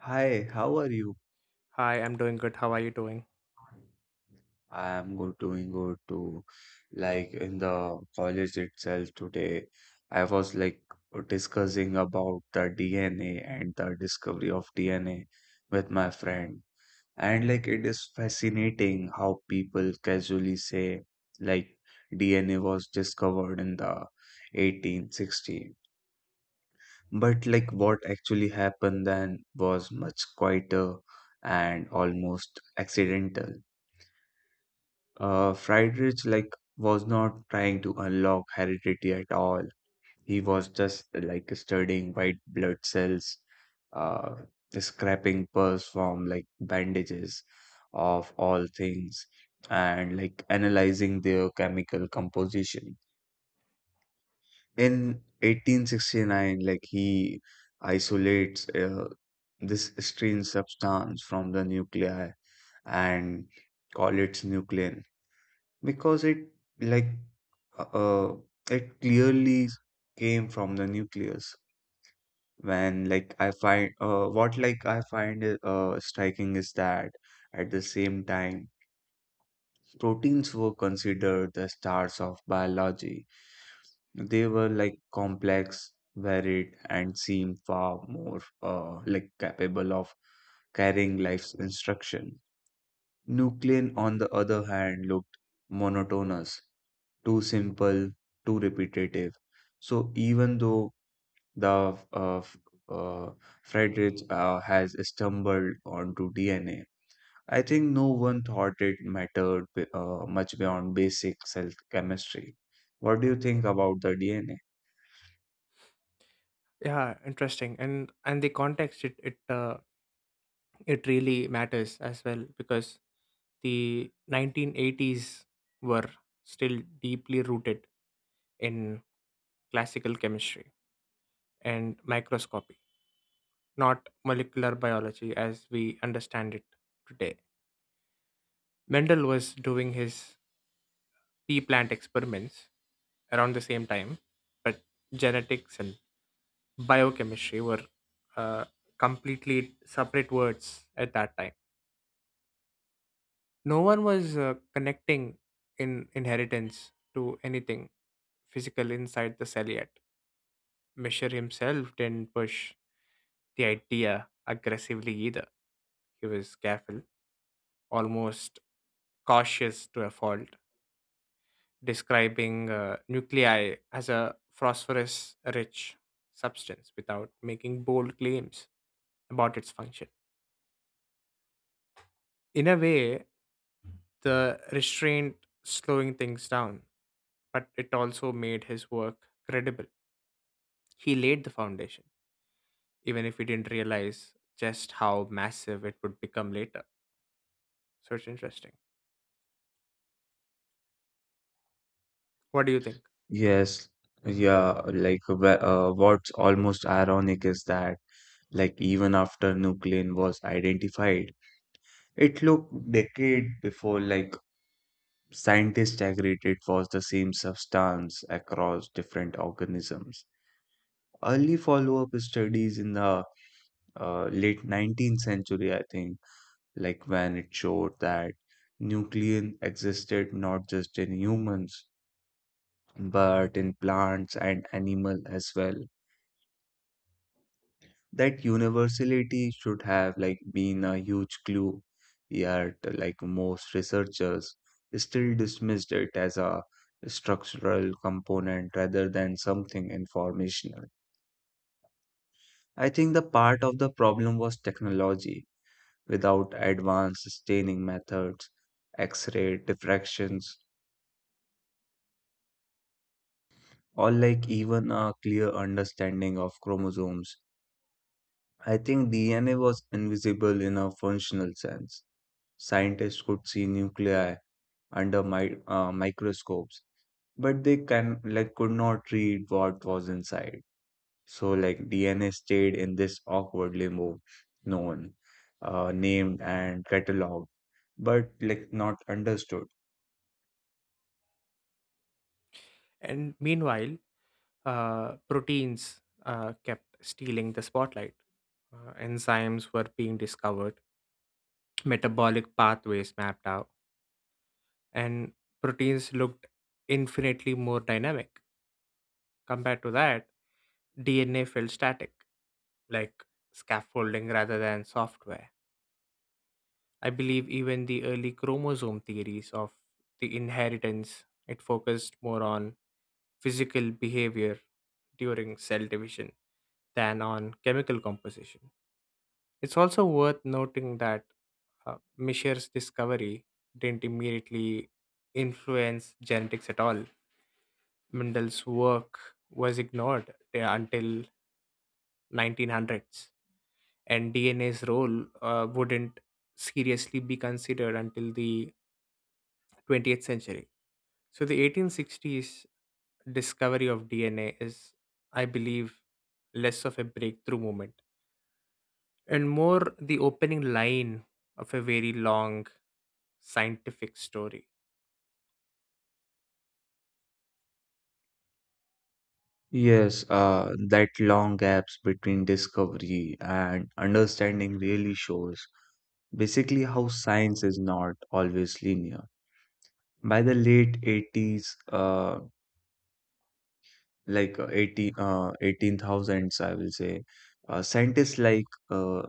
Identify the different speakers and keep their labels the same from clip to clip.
Speaker 1: Hi, how are you?
Speaker 2: Hi, I'm doing good. How are you doing?
Speaker 1: I am good, doing good too. Like in the college itself today, I was like discussing about the DNA and the discovery of DNA with my friend. And like it is fascinating how people casually say like DNA was discovered in the 1860. But like what actually happened then was much quieter and almost accidental. Friedrich like was not trying to unlock heredity at all. He was just like studying white blood cells, uh, scraping pus from like bandages of all things, and like analyzing their chemical composition. In 1869, like he isolates this strange substance from the nuclei and call it nuclein because like uh uh, it clearly came from the nucleus. When like I find What I find striking is that at the same time, proteins were considered the stars of biology. They were like complex, varied, and seemed far more like capable of carrying life's instruction. Nuclein, on the other hand, looked monotonous, too simple, too repetitive. So even though the uh, f- uh, Friedrich has stumbled onto DNA, I think no one thought it mattered much beyond basic cell chemistry. What do you think about the DNA?
Speaker 2: Yeah, interesting. And the context it really matters as well because the 1980s were still deeply rooted in classical chemistry and microscopy, not molecular biology as we understand it today. Mendel was doing his pea plant experiments around the same time, but genetics and biochemistry were uh, completely separate words at that time. No one was connecting in inheritance to anything physical inside the cell yet. Misher himself didn't push the idea aggressively either. He was careful, almost cautious to a fault, describing nuclei as a phosphorus rich substance without making bold claims about its function. In a way, the restraint slowing things down, but it also made his work credible. He laid the foundation, even if he didn't realize just how massive it would become later. So it's interesting. What do you think?
Speaker 1: Yes, yeah, like what's almost ironic is that, like, even after Nuclein was identified, it looked decade before like scientists agreed it was the same substance across different organisms. Early follow-up studies in the late 19th century, I think, like, when it showed that nuclein existed not just in humans but in plants and animal as well. That universality should have like been a huge clue. Yet like most researchers still dismissed it as a structural component rather than something informational. I think the part of the problem was technology. Without advanced staining methods, x-ray diffractions, or like even a clear understanding of chromosomes, I think DNA was invisible in a functional sense. Scientists could see nuclei under my microscopes, but they can like could not read what was inside. So like DNA stayed in this awkward limbo, known, named and cataloged, but like not understood.
Speaker 2: And meanwhile, proteins kept stealing the spotlight. Enzymes were being discovered, metabolic pathways mapped out, and proteins looked infinitely more dynamic. Compared to that, DNA felt static, like scaffolding rather than software. I believe even the early chromosome theories of the inheritance it focused more on physical behavior during cell division than on chemical composition. It's also worth noting that Mishra's discovery didn't immediately influence genetics at all. Mendel's work was ignored until 1900s, and DNA's role wouldn't seriously be considered until the 20th century. So the 1860s discovery of DNA is, I believe, less of a breakthrough moment and more the opening line of a very long scientific story.
Speaker 1: Yes, that long gaps between discovery and understanding really shows basically how science is not always linear. By the late 80s, uh, like 80 18,000s, I will say. Scientists like, uh,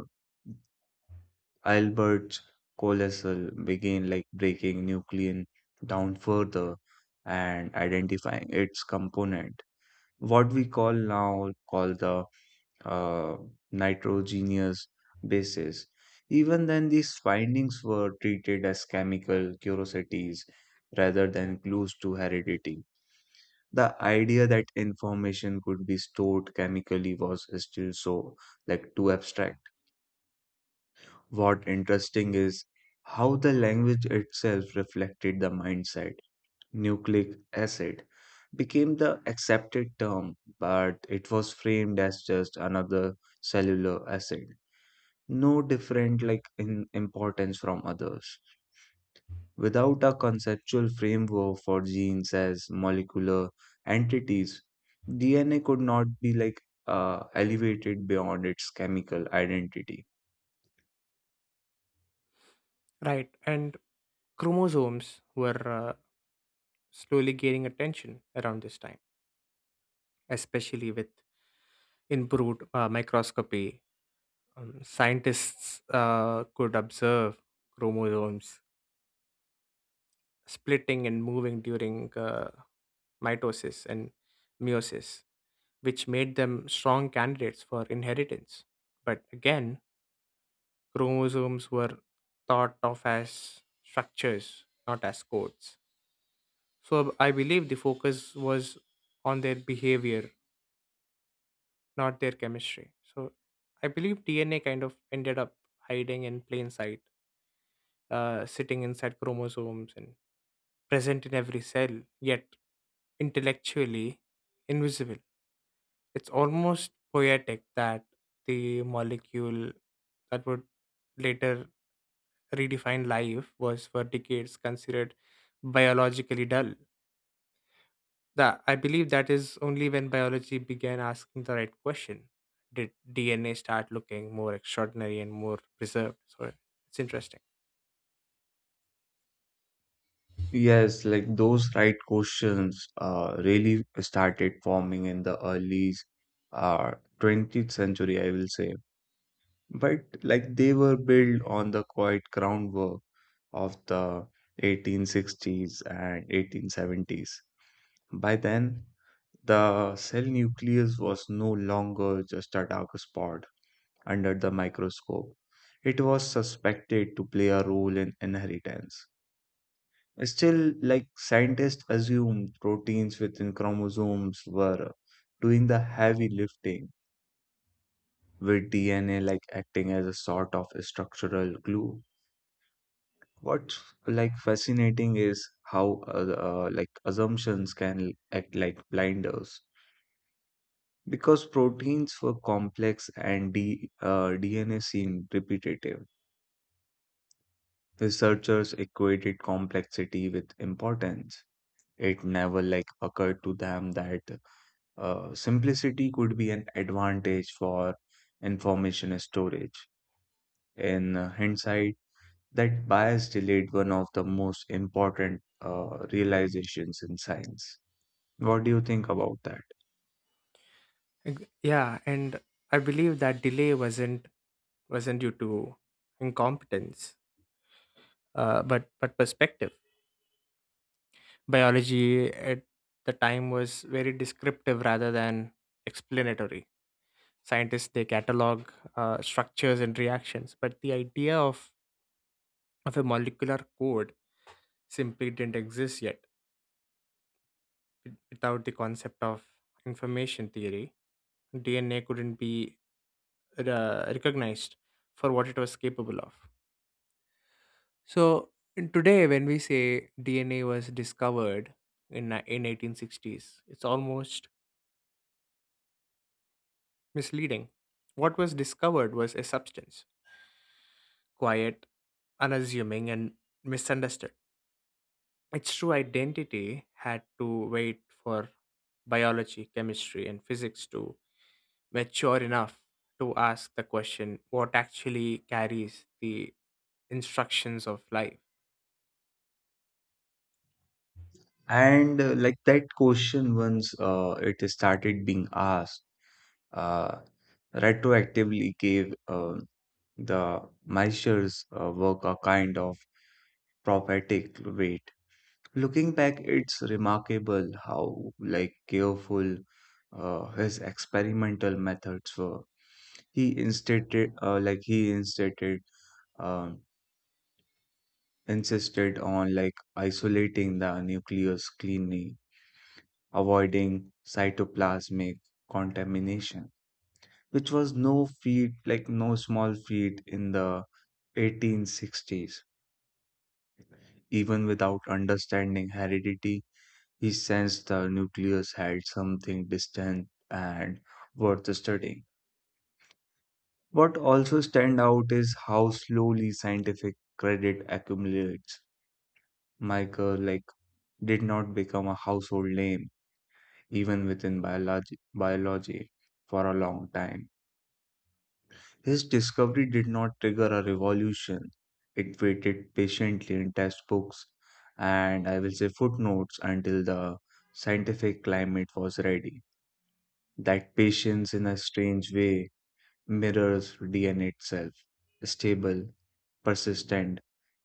Speaker 1: Albert Coleslaw, began like breaking nuclein down further and identifying its component. What we call now call the uh, nitrogenous bases. Even then, these findings were treated as chemical curiosities rather than clues to heredity. The idea that information could be stored chemically was still so like too abstract. What interesting is how the language itself reflected the mindset. Nucleic acid became the accepted term, but it was framed as just another cellular acid, no different like in importance from others. Without a conceptual framework for genes as molecular entities, DNA could not be like elevated beyond its chemical identity.
Speaker 2: Right, and chromosomes were slowly gaining attention around this time, especially with improved microscopy. Scientists could observe chromosomes splitting and moving during mitosis and meiosis, which made them strong candidates for inheritance. But again, chromosomes were thought of as structures, not as codes. So I believe the focus was on their behavior, not their chemistry. So I believe DNA kind of ended up hiding in plain sight, sitting inside chromosomes and present in every cell, yet intellectually invisible. It's almost poetic that the molecule that would later redefine life was for decades considered biologically dull. That I believe that is only when biology began asking the right question did DNA start looking more extraordinary and more preserved. So it's interesting.
Speaker 1: Yes, like those right questions really started forming in the early, uh, 20th century, I will say. But like they were built on the quiet groundwork of the 1860s and 1870s. By then, the cell nucleus was no longer just a dark spot under the microscope. It was suspected to play a role in inheritance. Still, like scientists assumed proteins within chromosomes were doing the heavy lifting, with DNA like acting as a sort of structural glue. What's like fascinating is how like assumptions can act like blinders. Because proteins were complex and DNA seemed repetitive, researchers equated complexity with importance. It never like occurred to them that simplicity could be an advantage for information storage. In hindsight, that bias delayed one of the most important realizations in science. What do you think about that?
Speaker 2: Yeah, and I believe that delay wasn't due to incompetence, but perspective. Biology at the time was very descriptive rather than explanatory. Scientists they catalog structures and reactions, but the idea of a molecular code simply didn't exist yet. Without the concept of information theory, DNA couldn't be recognized for what it was capable of. So in today, when we say DNA was discovered in 1860s, it's almost misleading. What was discovered was a substance, quiet, unassuming, and misunderstood. Its true identity had to wait for biology, chemistry, and physics to mature enough to ask the question: what actually carries the instructions of life?
Speaker 1: And like that question, once it started being asked, uh, retroactively gave the Maisher's work a kind of prophetic weight. Looking back, it's remarkable how like careful his experimental methods were. He instated, um, insisted on like isolating the nucleus cleanly, avoiding cytoplasmic contamination, which was like no small feat in the 1860s. Even without understanding heredity, he sensed the nucleus had something distant and worth studying. What also stands out is how slowly scientific credit accumulates. Michael like did not become a household name even within biology for a long time. His discovery did not trigger a revolution. It waited patiently in textbooks and, I will say, footnotes until the scientific climate was ready. That patience, in a strange way, mirrors DNA itself: stable, persistent,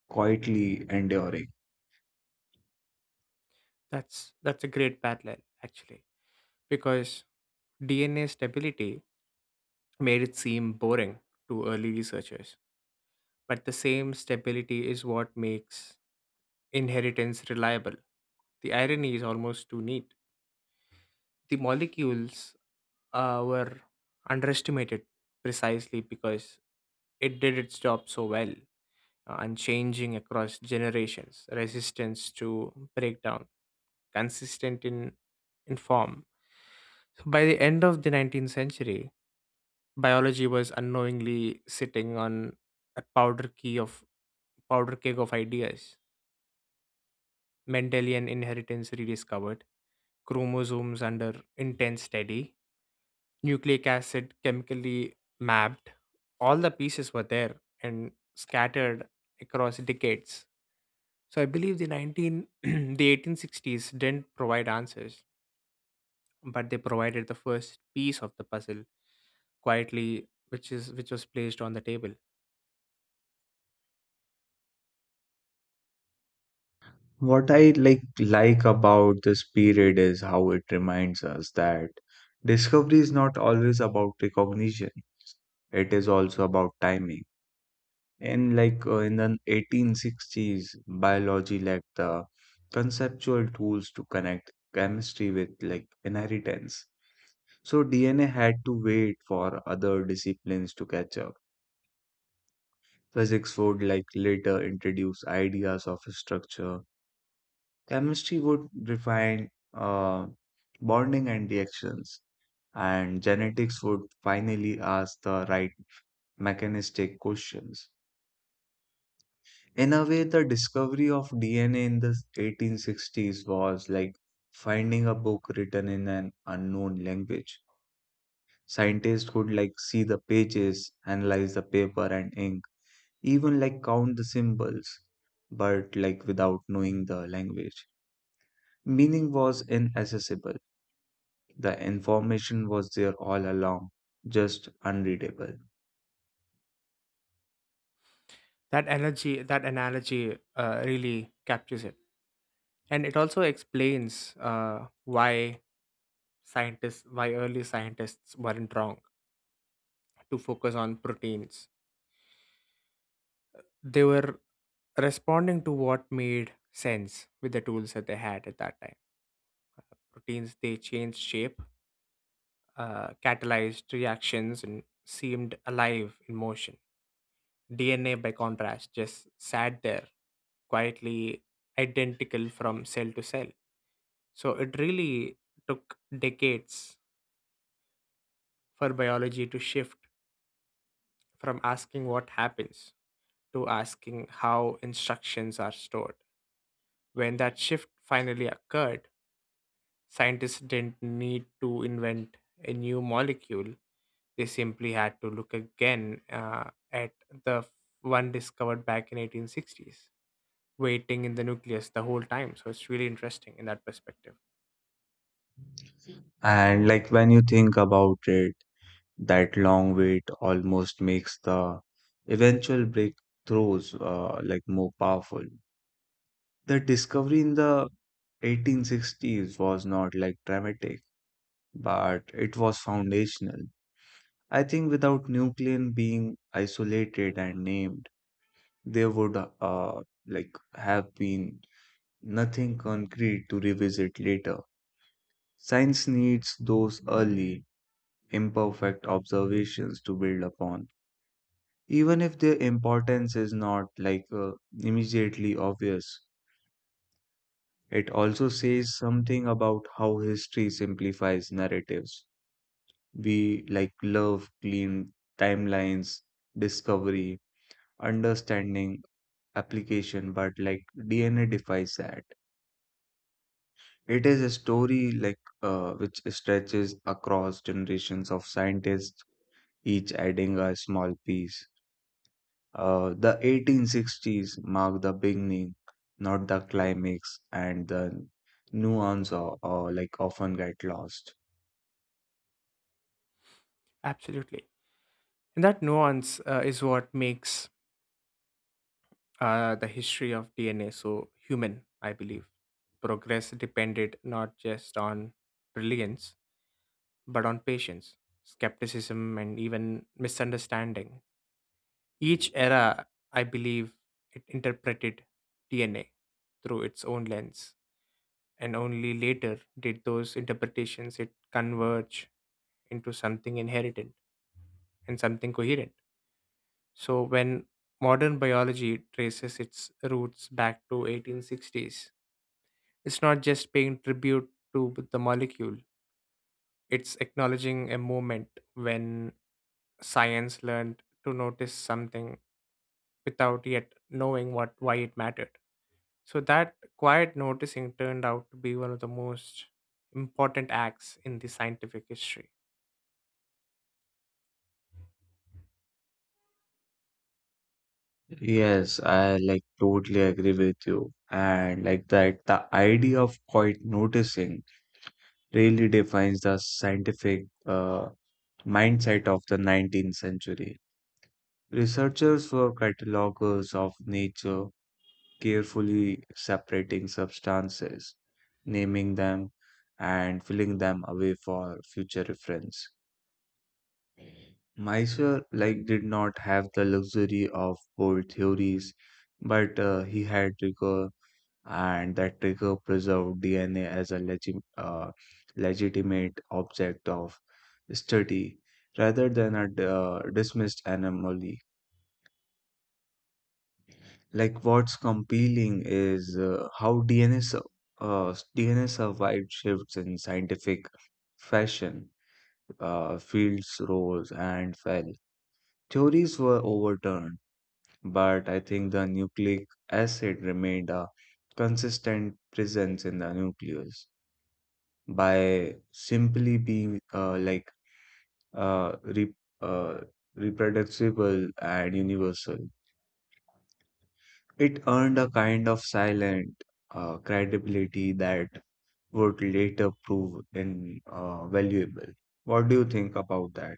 Speaker 1: quietly enduring.
Speaker 2: That's a great parallel, actually, because DNA stability made it seem boring to early researchers. But the same stability is what makes inheritance reliable. The irony is almost too neat. The molecules were underestimated precisely because it did its job so well and changing across generations, resistance to breakdown, consistent in form. So by the end of the 19th century, biology was unknowingly sitting on a powder keg of ideas: mendelian inheritance rediscovered, chromosomes under intense study, nucleic acid chemically mapped. All the pieces were there, and scattered across decades. So I believe the 19 the 1860s didn't provide answers, but they provided the first piece of the puzzle, quietly, which was placed on the table.
Speaker 1: What I like about this period is how it reminds us that discovery is not always about recognition. It is also about timing. In the 1860s, biology lacked the conceptual tools to connect chemistry with like inheritance. So DNA had to wait for other disciplines to catch up. Physics would like later introduce ideas of structure. Chemistry would refine uh, bonding and reactions, and genetics would finally ask the right mechanistic questions. In a way, the discovery of DNA in the 1860s was like finding a book written in an unknown language. Scientists could like see the pages, analyze the paper and ink, even like count the symbols, but like without knowing the language. Meaning was inaccessible. The information was there all along, just unreadable.
Speaker 2: That analogy really captures it, and it also explains uh, why early scientists weren't wrong to focus on proteins. They were responding to what made sense with the tools that they had at that time. Proteins they changed shape, catalyzed reactions, and seemed alive in motion. DNA, by contrast, just sat there quietly, identical from cell to cell. So it really took decades for biology to shift from asking what happens to asking how instructions are stored. When that shift finally occurred, scientists didn't need to invent a new molecule. They simply had to look again at the one discovered back in 1860s, waiting in the nucleus the whole time. So it's really interesting in that perspective.
Speaker 1: And like when you think about it, that long wait almost makes the eventual breakthroughs like more powerful. The discovery in the 1860s was not like dramatic, but it was foundational. I think without nuclein being isolated and named, there would like have been nothing concrete to revisit later. Science needs those early, imperfect observations to build upon. Even if their importance is not like, immediately obvious, it also says something about how history simplifies narratives. We like love clean timelines: discovery, understanding, application, but like DNA defies that. It is a story, like, which stretches across generations of scientists, each adding a small piece. The 1860s mark the beginning, not the climax, and the nuance, or, like, often get lost.
Speaker 2: Absolutely. And that nuance is what makes the history of DNA so human, I believe. Progress depended not just on brilliance, but on patience, skepticism, and even misunderstanding. Each era, I believe, it interpreted DNA through its own lens, and only later did those interpretations it converge into something inherited and something coherent. So when modern biology traces its roots back to 1860s, it's not just paying tribute to the molecule, it's acknowledging a moment when science learned to notice something without yet knowing what why it mattered. So that quiet noticing turned out to be one of the most important acts in the scientific history.
Speaker 1: Yes, I like totally agree with you. And like that, the idea of quite noticing really defines the scientific, mindset of the 19th century. Researchers were catalogers of nature, carefully separating substances, naming them, and filling them away for future reference. Mysore like did not have the luxury of bold theories, but he had rigor, and that rigor preserved DNA as a legitimate object of study rather than a dismissed anomaly. Like, what's compelling is how DNA survived shifts in scientific fashion. Fields rose and fell. Theories were overturned, but I think the nucleic acid remained a consistent presence in the nucleus by simply being like, uh, re- uh, reproducible and universal. It earned a kind of silent, credibility that would later prove invaluable. What do you think about that?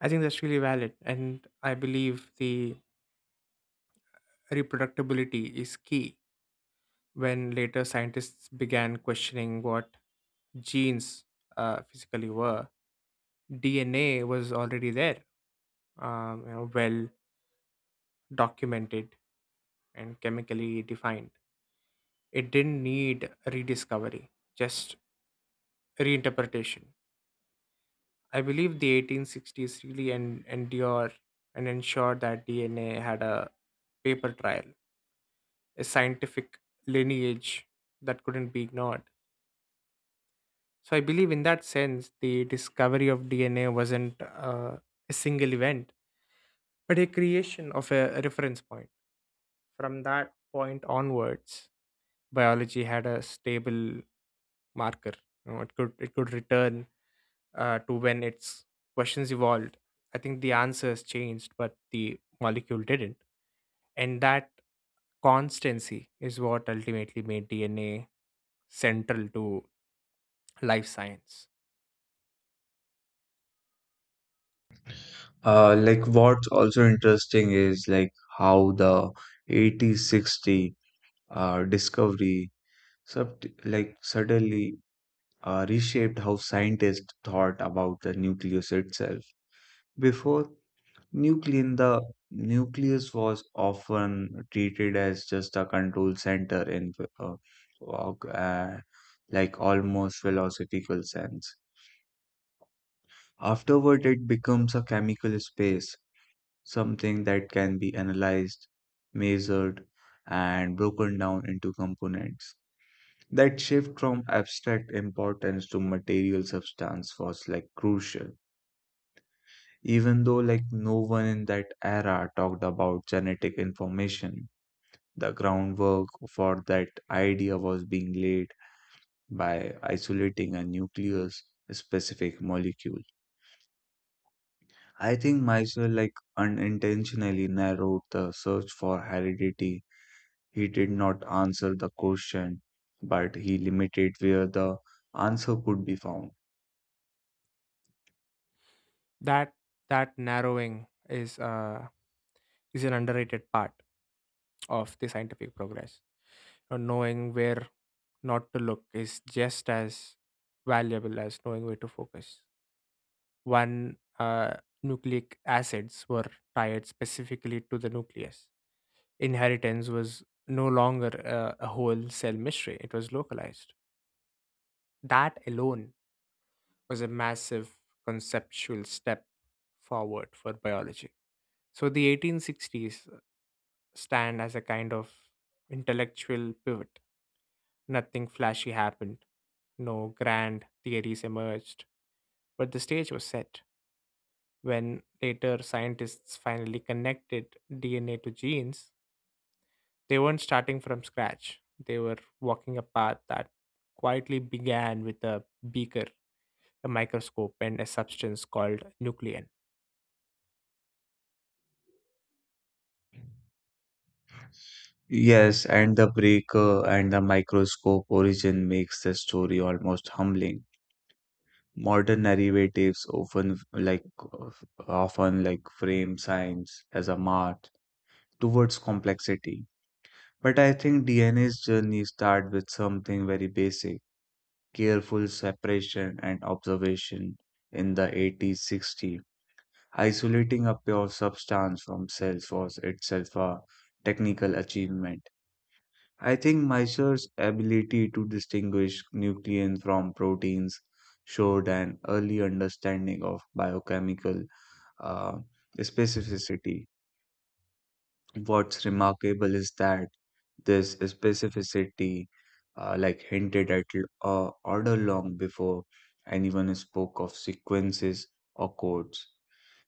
Speaker 2: I think that's really valid, and I believe the reproductibility is key when later scientists began questioning what genes physically were. DNA was already there, you know, well documented and chemically defined. It didn't need rediscovery, just reinterpretation. I believe the 1860s really endure and ensured that DNA had a paper trail, a scientific lineage that couldn't be ignored. So I believe in that sense, the discovery of DNA wasn't a single event, but a creation of a reference point. From that point onwards, biology had a stable marker. You know, it could return to when its questions evolved. I think the answers changed, but the molecule didn't. And that constancy is what ultimately made DNA central to life science.
Speaker 1: Like, what's also interesting is like how the 8060 discovery sub like suddenly reshaped how scientists thought about the nucleus itself. Before Nuclein, the nucleus was often treated as just a control center in, uh, uh, like, almost philosophical sense. Afterward, it becomes a chemical space, something that can be analyzed, measured, and broken down into components. That shift from abstract importance to material substance was like crucial. Even though like no one in that era talked about genetic information, the groundwork for that idea was being laid by isolating a nucleus specific molecule. I think Meissner like unintentionally narrowed the search for heredity. He did not answer the question, but he limited where the answer could be found.
Speaker 2: that that narrowing is an underrated part of the scientific progress, or knowing where not to look is just as valuable as knowing where to focus. One Nucleic acids were tied specifically to the nucleus. Inheritance was no longer a whole cell mystery, it was localized. That alone was a massive conceptual step forward for biology. So the 1860s stand as a kind of intellectual pivot. Nothing flashy happened, no grand theories emerged, but the stage was set. When later scientists finally connected DNA to genes, they weren't starting from scratch. They were walking a path that quietly began with a beaker, a microscope, and a substance called nuclein.
Speaker 1: Yes, and the breaker and the microscope origin makes the story almost humbling. Modern narratives, often like often like, frame science as a march towards complexity. But I think DNA's journey starts with something very basic, careful separation and observation. In the 1860s, isolating a pure substance from cells was itself a technical achievement. I think Miser's ability to distinguish nuclein from proteins showed an early understanding of biochemical, uh, specificity. What's remarkable is that this specificity, like, hinted at order long before anyone spoke of sequences or codes.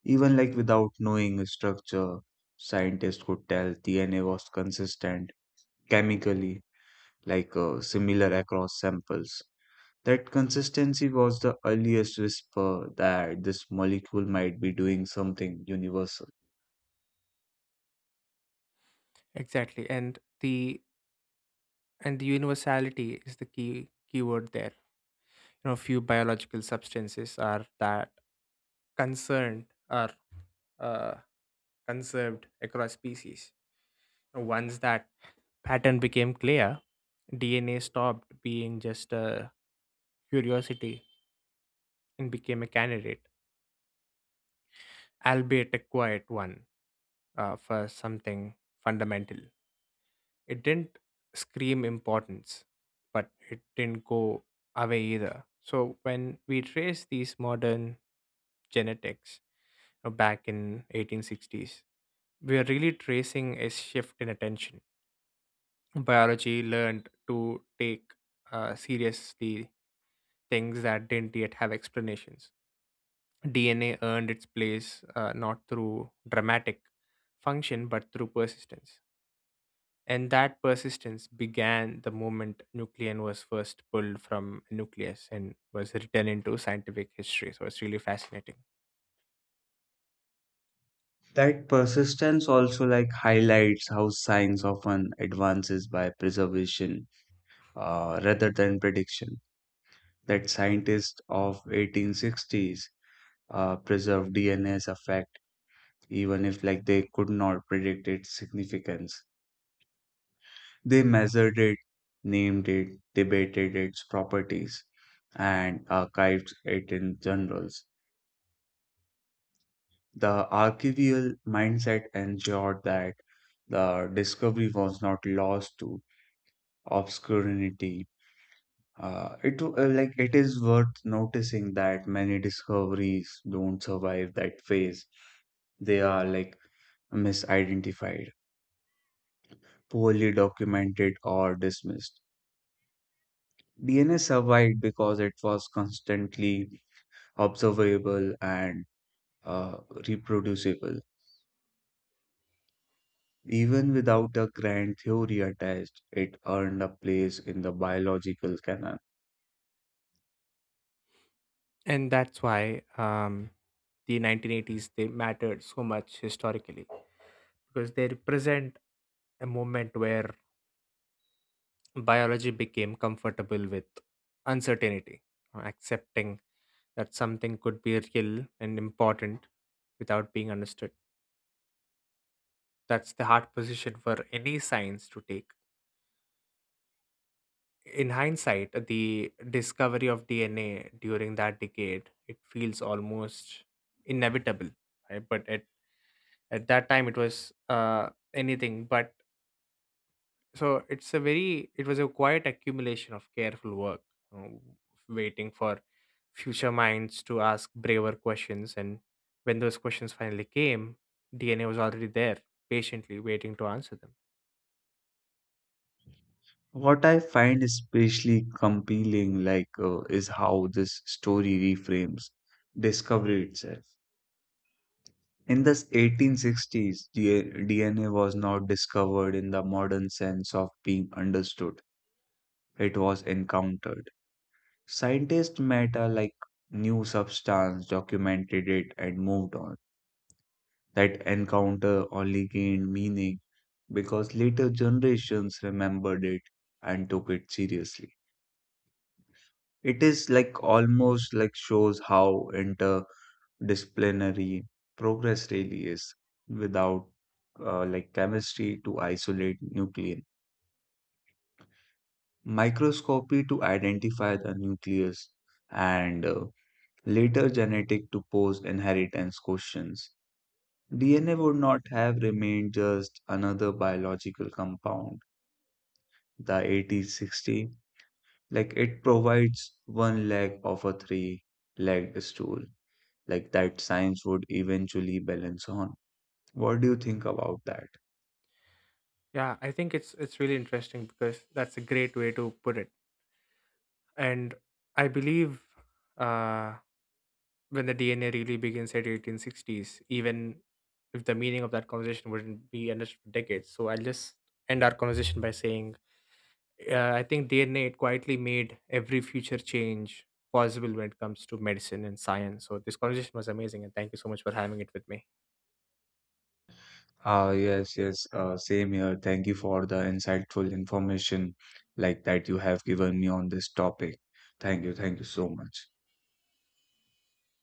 Speaker 1: Even like without knowing structure, scientists could tell DNA was consistent chemically, like, similar across samples. That consistency was the earliest whisper that this molecule might be doing something universal.
Speaker 2: Exactly. And the universality is the key keyword there. You know, few biological substances are that concerned are uh, conserved across species. Once that pattern became clear, DNA stopped being just a curiosity and became a candidate, albeit a quiet one, for something fundamental. It didn't scream importance, but it didn't go away either. So when we trace these modern genetics back in 1860s, we are really tracing a shift in attention. Biology learned to take seriously things that didn't yet have explanations. DNA earned its place not through dramatic function but through persistence. And that persistence began the moment nucleon was first pulled from nucleus and was written into scientific history. So it's really fascinating.
Speaker 1: That persistence also like highlights how science often advances by preservation, rather than prediction. That scientists of 1860s, preserved DNA as a fact, even if like they could not predict its significance. They measured it, named it, debated its properties, and archived it in journals. The archival mindset ensured that the discovery was not lost to obscurity. It like it is worth noticing that many discoveries don't survive that phase. They are like misidentified, poorly documented, or dismissed. DNA survived because it was constantly observable and, uh, reproducible. Even without a grand theory attached, it earned a place in the biological canon.
Speaker 2: And that's why the 1980s they mattered so much historically because they represent a moment where biology became comfortable with uncertainty, accepting that something could be real and important without being understood. That's the hard position for any science to take. In hindsight, the discovery of DNA during that decade it feels almost inevitable, right? But at that time it was anything but. So it's a very it was a quiet accumulation of careful work, you know, waiting for future minds to ask braver questions, and when those questions finally came, DNA was already there, patiently waiting to answer them.
Speaker 1: What I find especially compelling, like, is how this story reframes discovery itself. In the 1860s, DNA was not discovered in the modern sense of being understood. It was encountered. Scientists met a like new substance, documented it, and moved on. That encounter only gained meaning because later generations remembered it and took it seriously. It is like almost like shows how interdisciplinary progress really is without, like, chemistry to isolate nuclei, microscopy to identify the nucleus, and later genetic to pose inheritance questions. DNA would not have remained just another biological compound. The 80 sixty, like, it provides one leg of a three-legged stool, like that science would eventually balance on. What do you think about that?
Speaker 2: Yeah, I think it's really interesting because that's a great way to put it. And I believe uh, when the DNA really begins at 1860s, even if the meaning of that conversation wouldn't be understood for decades. So I'll just end our conversation by saying, I think DNA it quietly made every future change possible when it comes to medicine and science. So this conversation was amazing, and thank you so much for having it with me.
Speaker 1: Ah, yes, yes, same here. Thank you for the insightful information like that you have given me on this topic. Thank you, thank you so much.